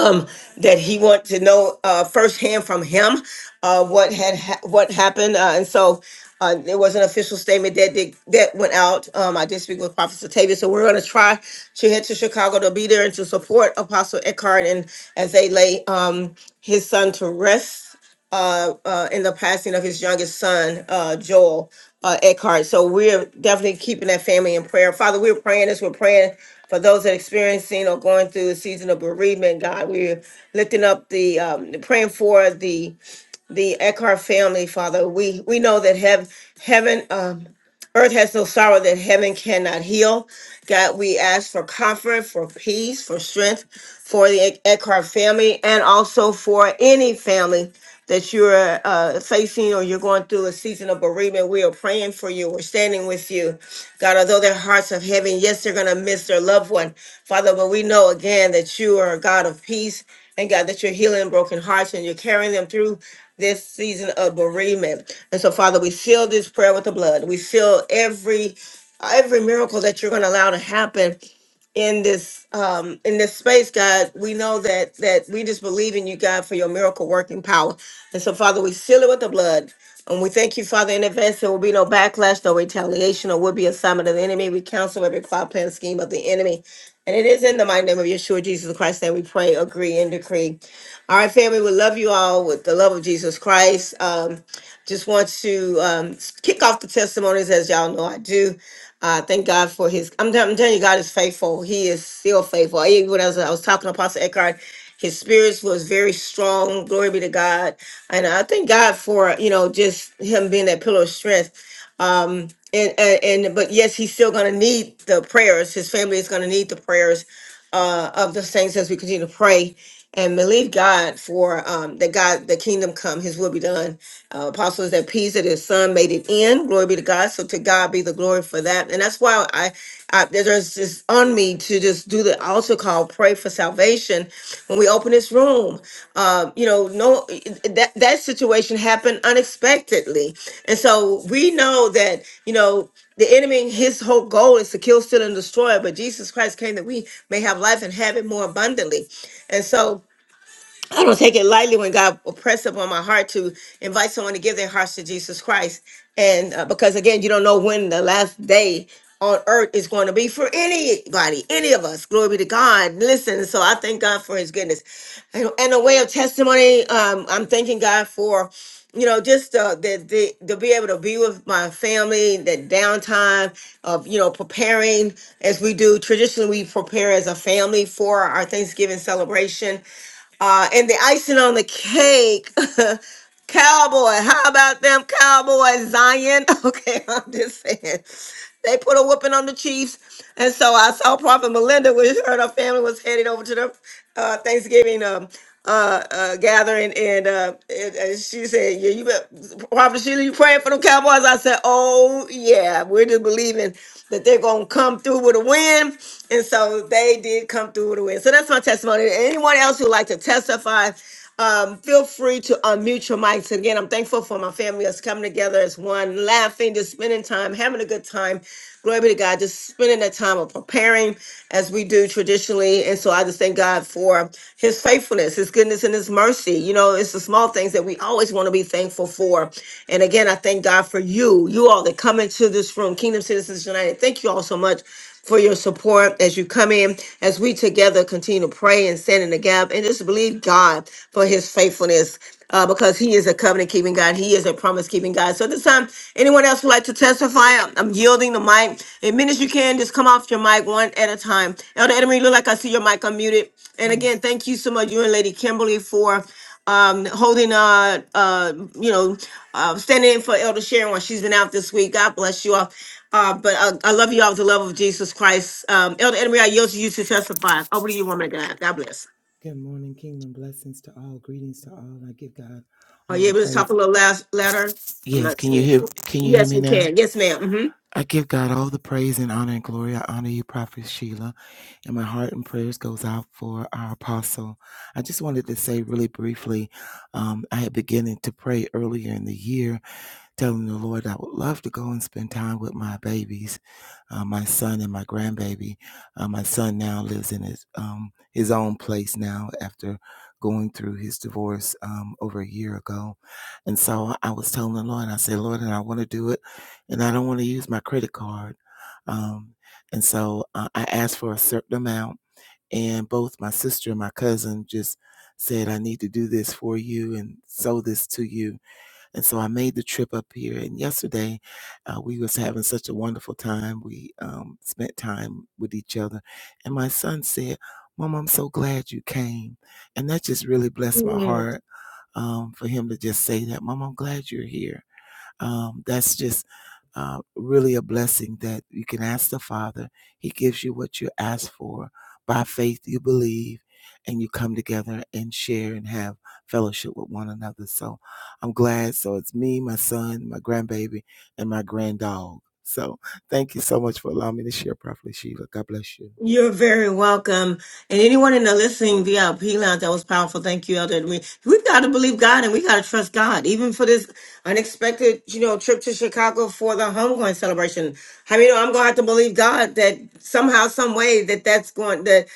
um, that he wanted to know uh, firsthand from him uh, what had ha- what happened, uh, and so uh, there was an official statement that did, that went out. Um, I did speak with Prophet Satavia, so we're going to try to head to Chicago to be there and to support Apostle Eckhart and as they lay um, his son to rest uh, uh, in the passing of his youngest son, uh, Joel uh, Eckhart. So we're definitely keeping that family in prayer. Father, we're praying this. We're praying for those that are experiencing or going through a season of bereavement. God, we're lifting up the um, praying for the the Eckhart family, Father. We we know that heaven, heaven, um, earth has no sorrow that heaven cannot heal. God, we ask for comfort, for peace, for strength, for the Eckhart family, and also for any family that you're uh, facing or you're going through a season of bereavement. We are praying for you. We're standing with you, God. Although their hearts are heavy, yes, they're going to miss their loved one, Father. But we know again that you are a God of peace and God, that you're healing broken hearts and you're carrying them through this season of bereavement. And so, Father, we seal this prayer with the blood. We seal every every miracle that you're going to allow to happen in this um in this space god we know that that we just believe in you god for your miracle working power and so father we seal it with the blood and we thank you father in advance there will be no backlash no retaliation or will be assignment of the enemy we counsel every plot plan scheme of the enemy and it is in the mighty name of yeshua jesus christ that we pray agree and decree all right, family, we love you all with the love of Jesus Christ. Um, just want to um, kick off the testimonies as y'all know I do. Uh, thank God for his. I'm, tell- I'm telling you, God is faithful. He is still faithful. Even when I was, I was talking to Apostle Eckhart, his spirits was very strong. Glory be to God. And I thank God for, you know, just him being that pillar of strength. Um, and, and, and but yes, he's still going to need the prayers. His family is going to need the prayers uh, of the saints as we continue to pray and believe God for um, that God, the kingdom come, his will be done. Uh, Apostle is at peace that his son made it in. Glory be to God. So to God be the glory for that. And that's why I, I there's this on me to just do the altar call, pray for salvation when we open this room. Um, you know, no that that situation happened unexpectedly. And so we know that, you know, the enemy, his whole goal is to kill, steal, and destroy. But Jesus Christ came that we may have life and have it more abundantly. And so I don't take it lightly when God press upon my heart to invite someone to give their hearts to Jesus Christ. And uh, because again, you don't know when the last day on earth is going to be for anybody, any of us. Glory be to God. Listen, so I thank God for his goodness. And, and a way of testimony, um, I'm thanking God for, you know, just uh, the, the, to be able to be with my family, the downtime of, you know, preparing as we do. Traditionally, we prepare as a family for our Thanksgiving celebration uh, and the icing on the cake, <laughs> Cowboy. How about them Cowboy Zion? <laughs> Okay, I'm just saying. They put a whooping on the Chiefs. And so I saw Prophet Melinda, which her and her family was headed over to the uh, Thanksgiving um, uh, uh, gathering. And, uh, and, and she said, yeah, you bet, Prophet Sheila, you praying for them Cowboys? I said, oh, yeah, we're just believing that they're going to come through with a win. And so they did come through with a win. So that's my testimony. Anyone else who would like to testify, um, feel free to unmute your mics. And again, I'm thankful for my family that's coming together as one, laughing, just spending time, having a good time. Glory be to God, just spending that time of preparing as we do traditionally. And so I just thank God for his faithfulness, his goodness, and his mercy. You know, it's the small things that we always want to be thankful for. And again, I thank God for you, you all that come into this room, Kingdom Citizens United. Thank you all so much for your support as you come in, as we together continue to pray and stand in the gap and just believe God for his faithfulness uh, because he is a covenant keeping God. He is a promise keeping God. So at this time, anyone else would like to testify? I'm, I'm yielding the mic. In minutes you can, just come off your mic one at a time. Elder Edemery, look like I see your mic unmuted. And Yes. again, thank you so much, you and Lady Kimberly, for um, holding, uh, uh, you know, uh, standing in for Elder Sharon while she's been out this week. God bless you all. Uh, but uh, I love you all with the love of Jesus Christ. Um, Elder Emery, I yield to you to testify. Over to you, woman of God. God bless. Good morning, kingdom blessings to all. Greetings to all. I give God Are all you the able to talk a praise. little last louder? I'm Yes, not can you sure. hear can you hear Yes, me we now? can. Yes, madam I give God all the praise and honor and glory. I honor you, Prophet Sheila, and my heart and prayers goes out for our apostle. I just wanted to say really briefly, um, I had beginning to pray earlier in the year telling the Lord I would love to go and spend time with my babies, uh, my son and my grandbaby. Uh, my son now lives in his um, his own place now after going through his divorce um, over a year ago, and so I was telling the Lord, I said, Lord, and I want to do it, and I don't want to use my credit card, um, and so uh, I asked for a certain amount, and both my sister and my cousin just said, I need to do this for you and sow this to you and so I made the trip up here. And yesterday, uh, we was having such a wonderful time. We um, spent time with each other, and my son said, "Mom, I'm so glad you came," and that just really blessed my Mm-hmm. heart um, for him to just say that. Mom, I'm glad you're here um, that's just uh, really a blessing that you can ask the Father. He gives you what you ask for. By faith, you believe and you come together and share and have fellowship with one another. So I'm glad. So it's me, my son, my grandbaby, and my granddog. So thank you so much for allowing me to share Prophet Sheila. God bless you. You're very welcome. And anyone in the listening VIP lounge, that was powerful. Thank you, Elder. We, we've got to believe God and we got to trust God, even for this unexpected, you know, trip to Chicago for the homegoing celebration. I mean, I'm going to have to believe God that somehow, some way that that's going that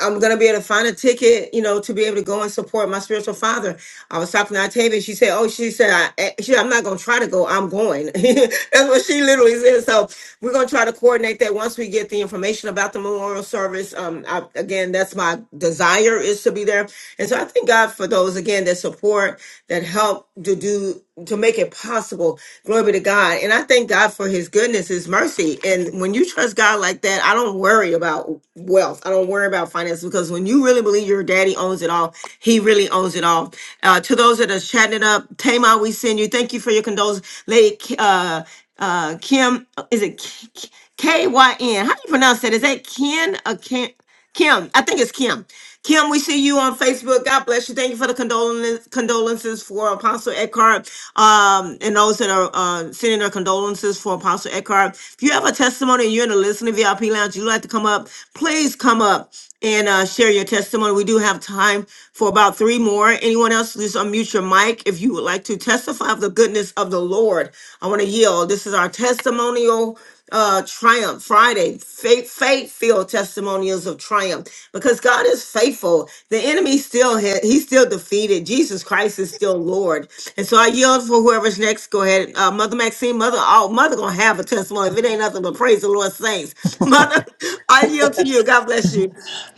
I'm gonna be able to find a ticket, you know, to be able to go and support my spiritual father. I was talking to Octavia. She said, "Oh, she said, I, eh, she, I'm not gonna try to go. I'm going." <laughs> That's what she literally said. So we're gonna try to coordinate that once we get the information about the memorial service. Um, I, again, that's my desire is to be there, and so I thank God for those again that support, that help to do to make it possible. Glory be to God, and I thank God for His goodness, His mercy, and when you trust God like that, I don't worry about wealth. I don't worry about about finances because when you really believe your daddy owns it all, he really owns it all. Uh, to those that are chatting it up, Tamar, we send you. Thank you for your condolences. Lady K- uh, uh, Kim, is it K K- K Y N? How do you pronounce that? Is that Ken or Kim? Kim, I think it's Kim. Kim, we see you on Facebook. God bless you. Thank you for the condolences condolences for Apostle Eckhart um, and those that are uh, sending their condolences for Apostle Eckhart. If you have a testimony and you're in the listening VIP lounge, you'd like to come up, please come up and uh, share your testimony. We do have time for about three more. Anyone else, just unmute your mic if you would like to testify of the goodness of the Lord. I want to yield. This is our testimonial uh triumph friday faith faith filled testimonials of triumph because god is faithful the enemy still had he's still defeated jesus christ is still lord and so i yield for whoever's next go ahead uh mother maxine mother oh mother gonna have a testimony if it ain't nothing but praise the lord saints <laughs> mother i yield to you god bless you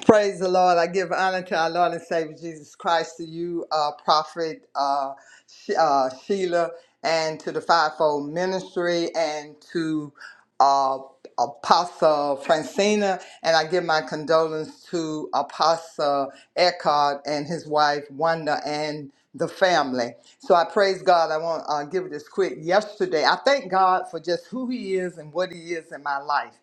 Praise the Lord. I give honor to our Lord and Savior Jesus Christ, to you, uh, Prophet uh, Sh- uh, Sheila, and to the fivefold ministry, and to uh, Apostle Francina. And I give my condolence to Apostle Eckhart and his wife, Wanda, and the family. So I praise God. I want to uh, give it this quick. Yesterday, I thank God for just who He is and what He is in my life.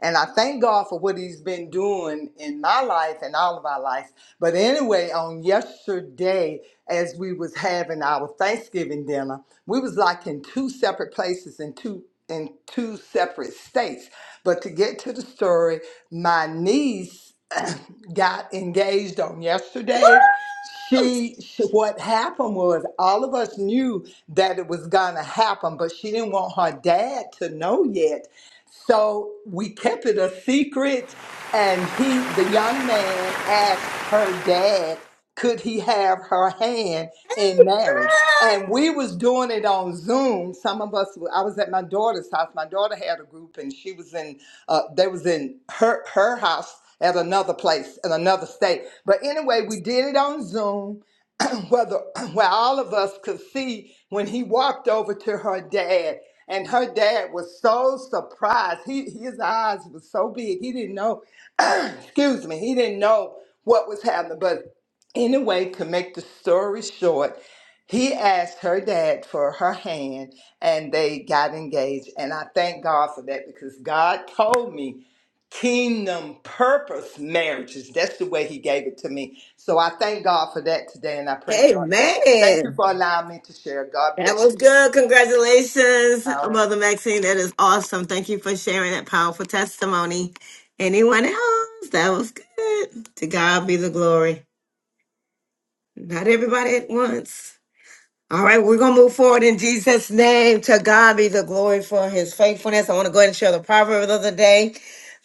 And I thank God for what He's been doing in my life and all of our lives. But anyway, on yesterday, as we was having our Thanksgiving dinner, we was like in two separate places in two in two separate states. But to get to the story, my niece <clears throat> got engaged on yesterday. She, she, what happened was all of us knew that it was gonna happen, but she didn't want her dad to know yet so we kept it a secret, and he, the young man, asked her dad, could he have her hand in marriage? And we was doing it on Zoom. Some of us, I was at my daughter's house. My daughter had a group, and she was in, uh, they was in her her house at another place in another state. But anyway, we did it on Zoom <coughs> <clears throat> whether where all of us could see when he walked over to her dad and her dad was so surprised he his eyes were so big he didn't know <coughs> <clears throat> excuse me he didn't know what was happening but anyway to make the story short he asked her dad for her hand and they got engaged and i thank god for that because god told me kingdom purpose marriages that's the way he gave it to me so I thank God for that today and I praise God. Thank amen you for allowing me to share. God That bless was you. good. Congratulations, All right. Mother Maxine. That is awesome. Thank you for sharing that powerful testimony. Anyone else? That was good. To God be the glory. Not everybody at once. All right, we're going to move forward in Jesus' name. To God be the glory for his faithfulness. I want to go ahead and share the proverb of the day.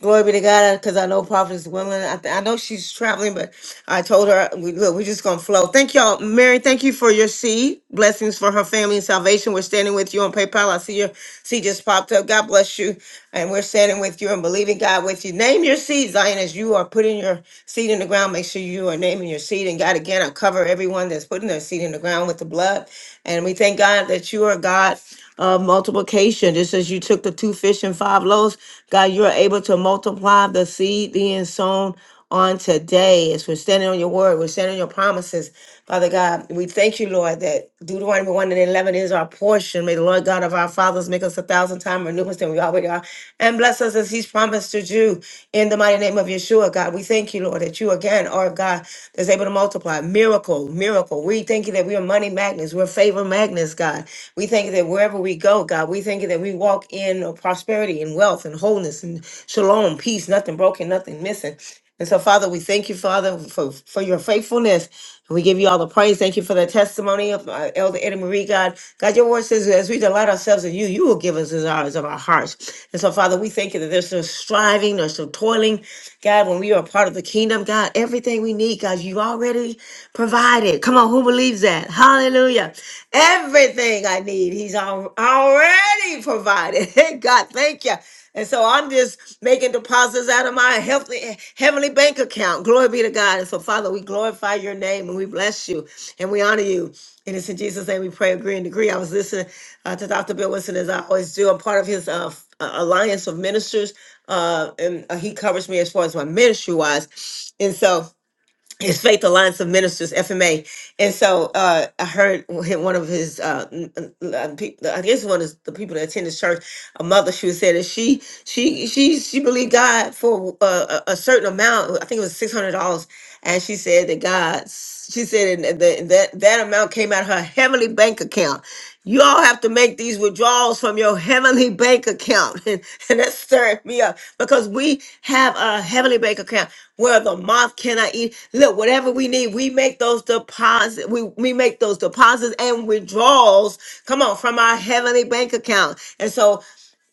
Glory be to God, because I know Prophet is willing. I, th- I know she's traveling, but I told her, we, look, we're just going to flow. Thank y'all. Mary, thank you for your seed. Blessings for her family and salvation. We're standing with you on PayPal. I see your seed just popped up. God bless you. And we're standing with you and believing God with you. Name your seed, Zion, as you are putting your seed in the ground. Make sure you are naming your seed. And God, again, I cover everyone that's putting their seed in the ground with the blood. And we thank God that you are God of multiplication. Just as you took the two fish and five loaves, God, you are able to multiply the seed being sown on today. As we're standing on your word, we're standing on your promises. Father God, we thank you, Lord, that Deuteronomy 1 and 11 is our portion. May the Lord God of our fathers make us a thousand times more numerous than we already are and bless us as he's promised to do in the mighty name of Yeshua, God. We thank you, Lord, that you again are a God that's able to multiply. Miracle, miracle. We thank you that we are money magnets. We're were favor magnets, God. We thank you that wherever we go, God, we thank you that we walk in prosperity and wealth and wholeness and shalom, peace, nothing broken, nothing missing. And so, Father, we thank you, Father, for, for your faithfulness. We give you all the praise. Thank you for the testimony of uh, Elder Eddie Marie, God. God, your word says, as we delight ourselves in you, you will give us desires of our hearts. And so, Father, we thank you that there's no striving, there's no toiling. God, when we are a part of the kingdom, God, everything we need, God, you already provide provided. Come on, who believes that? Hallelujah. Everything I need, He's al- already provided. <laughs> Hey, God, thank you. And so I'm just making deposits out of my healthy, heavenly bank account. Glory be to God. And so, Father, we glorify your name and we bless you and we honor you. And it's in Jesus' name we pray, agree, and decree. I was listening uh, to Dr. Bill Winston, as I always do. I'm part of his uh, f- uh, Alliance of Ministers, uh, and uh, he covers me as far as my ministry wise. And so, his Faith Alliance of Ministers (FMA), and so uh, I heard him- one of his, uh, n- n- uh, pe- I guess one of the people that attend his church, a mother, she was saying that she she she she believed God for uh, a, a certain amount. I think it was six hundred dollars, and she said that God, she said and that that that amount came out of her heavenly bank account, you all have to make these withdrawals from your heavenly bank account. <laughs> And, and that stirred me up because we have a heavenly bank account where the moth cannot eat. Look, whatever we need, we make those deposits. We, we make those deposits and withdrawals. Come on, from our heavenly bank account. And so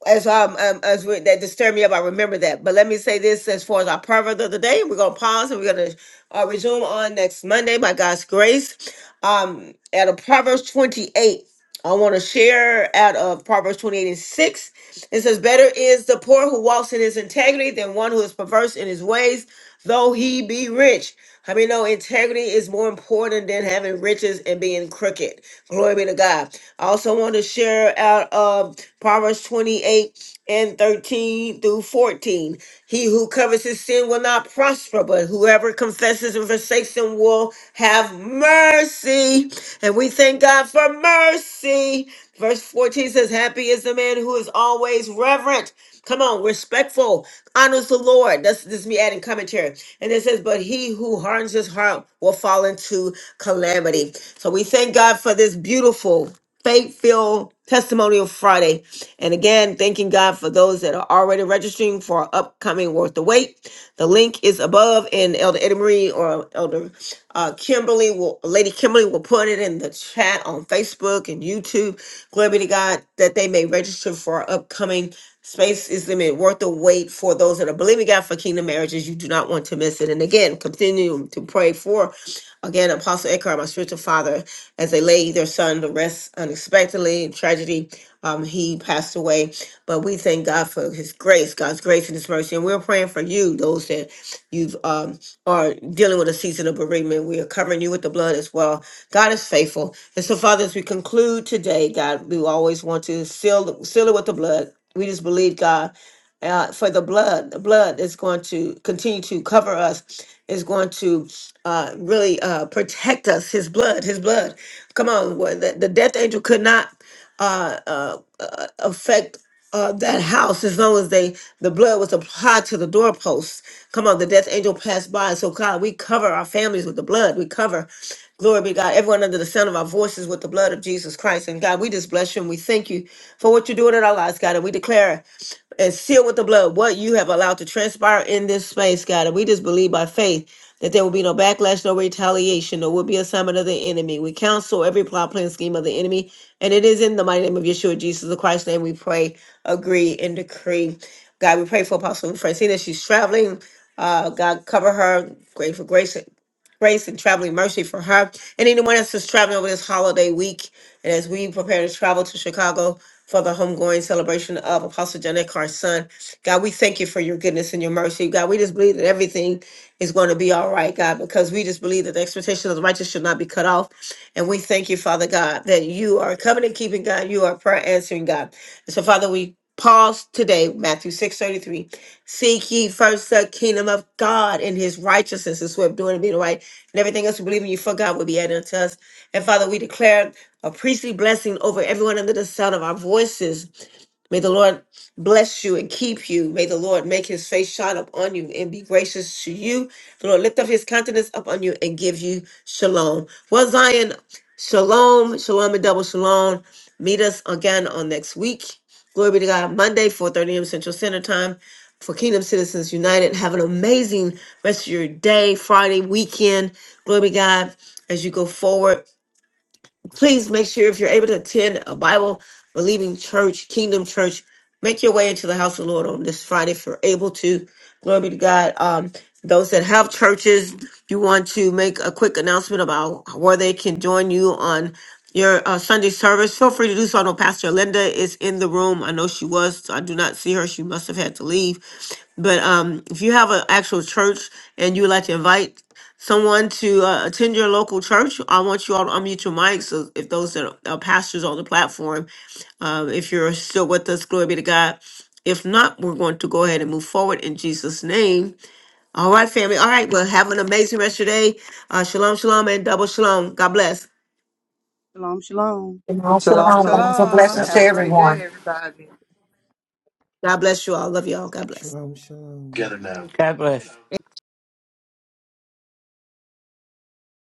as um, um as we, that disturbed me up, I remember that. But let me say this as far as our proverb of the day, we're gonna pause and we're gonna uh, resume on next Monday by God's grace. Um, at a Proverbs 28. I want to share out of Proverbs 28 and 6. It says, Better is the poor who walks in his integrity than one who is perverse in his ways, though he be rich. I mean, know integrity is more important than having riches and being crooked. Glory be to God. I also want to share out of Proverbs 28 and 13 through 14. He who covers his sin will not prosper, but whoever confesses and forsakes him will have mercy. And we thank God for mercy. Verse 14 says, Happy is the man who is always reverent. Come on, respectful, honors the Lord. That's this is me adding commentary. And it says, But he who hardens his heart will fall into calamity. So we thank God for this beautiful Faith Filled Testimonial Friday. And again, thanking God for those that are already registering for our upcoming Worth the Wait. The link is above, and Elder Eddie Marie or Elder uh, Kimberly will, Lady Kimberly will put it in the chat on Facebook and YouTube. Glory be to God that they may register for our upcoming Space is limited, worth the wait for those that are believing God for kingdom marriages. You do not want to miss it. And again, continue to pray for. Again, Apostle Eckhart, my spiritual father, as they laid their son to rest unexpectedly in tragedy, um, he passed away. But we thank God for His grace, God's grace and His mercy, and we're praying for you, those that you've um, are dealing with a season of bereavement. We are covering you with the blood as well. God is faithful, and so Father, as we conclude today, God, we always want to seal seal it with the blood. We just believe God uh, for the blood. The blood is going to continue to cover us, is going to uh, really uh, protect us. His blood, his blood. Come on, wha- the, the death angel could not uh, uh, uh, affect. Uh, that house, as long as they the blood was applied to the doorpost. Come on, the death angel passed by. So God, we cover our families with the blood. We cover, glory be to God, everyone under the sound of our voices with the blood of Jesus Christ. And God, we just bless you and we thank you for what you're doing in our lives, God. And we declare and seal with the blood what you have allowed to transpire in this space, God. And we just believe by faith that there will be no backlash, no retaliation, no will be assignment of the enemy. We counsel every plot, plan, scheme of the enemy. And it is in the mighty name of Yeshua, Jesus the Christ's name, we pray, agree, and decree. God, we pray for Apostle Francina. She's traveling. Uh, God, cover her. Grateful grace grace and traveling mercy for her and anyone else who's traveling over this holiday week. And as we prepare to travel to Chicago for the homegoing celebration of Apostle John Eckhart's son, God, we thank you for your goodness and your mercy. God, we just believe that everything is going to be all right, God, because we just believe that the expectation of the righteous should not be cut off. And we thank you, Father God, that you are covenant keeping God, you are prayer answering God. And so, Father, we pause today, Matthew 6:33. Seek ye first the kingdom of God and his righteousness. This way of doing it, being right. And everything else we believe in you for God will be added unto us. And Father, we declare a priestly blessing over everyone under the sound of our voices. May the Lord bless you and keep you. May the Lord make his face shine upon you and be gracious to you. The Lord lift up his countenance upon you and give you shalom. Well, Zion, shalom, shalom and double shalom. Meet us again on next week. Glory be to God. Monday, 4.30 a.m. Central Standard Time for Kingdom Citizens United. Have an amazing rest of your day, Friday, weekend. Glory be to God as you go forward please make sure if you're able to attend a Bible believing church, Kingdom Church, make your way into the house of the Lord on this Friday if you're able to. Glory be to God. Um, those that have churches, you want to make a quick announcement about where they can join you on your uh, Sunday service. Feel free to do so. I know Pastor Linda is in the room. I know she was. so I do not see her. She must have had to leave. But um, if you have an actual church and you would like to invite someone to uh, attend your local church, I want you all to unmute your mics. So if those that are, are pastors on the platform, um, if you're still with us, glory be to God. If not, we're going to go ahead and move forward in Jesus' name. All right, family. All right. Well, have an amazing rest of your day. Uh, shalom, shalom, and double shalom. God bless. Shalom, shalom. And also, Shalom, Shalom, um, shalom. bountiful shalom. God blessings to Have a bless. great everyone. day, everybody. God bless you all. Love you all. God bless. Shalom, shalom. God bless.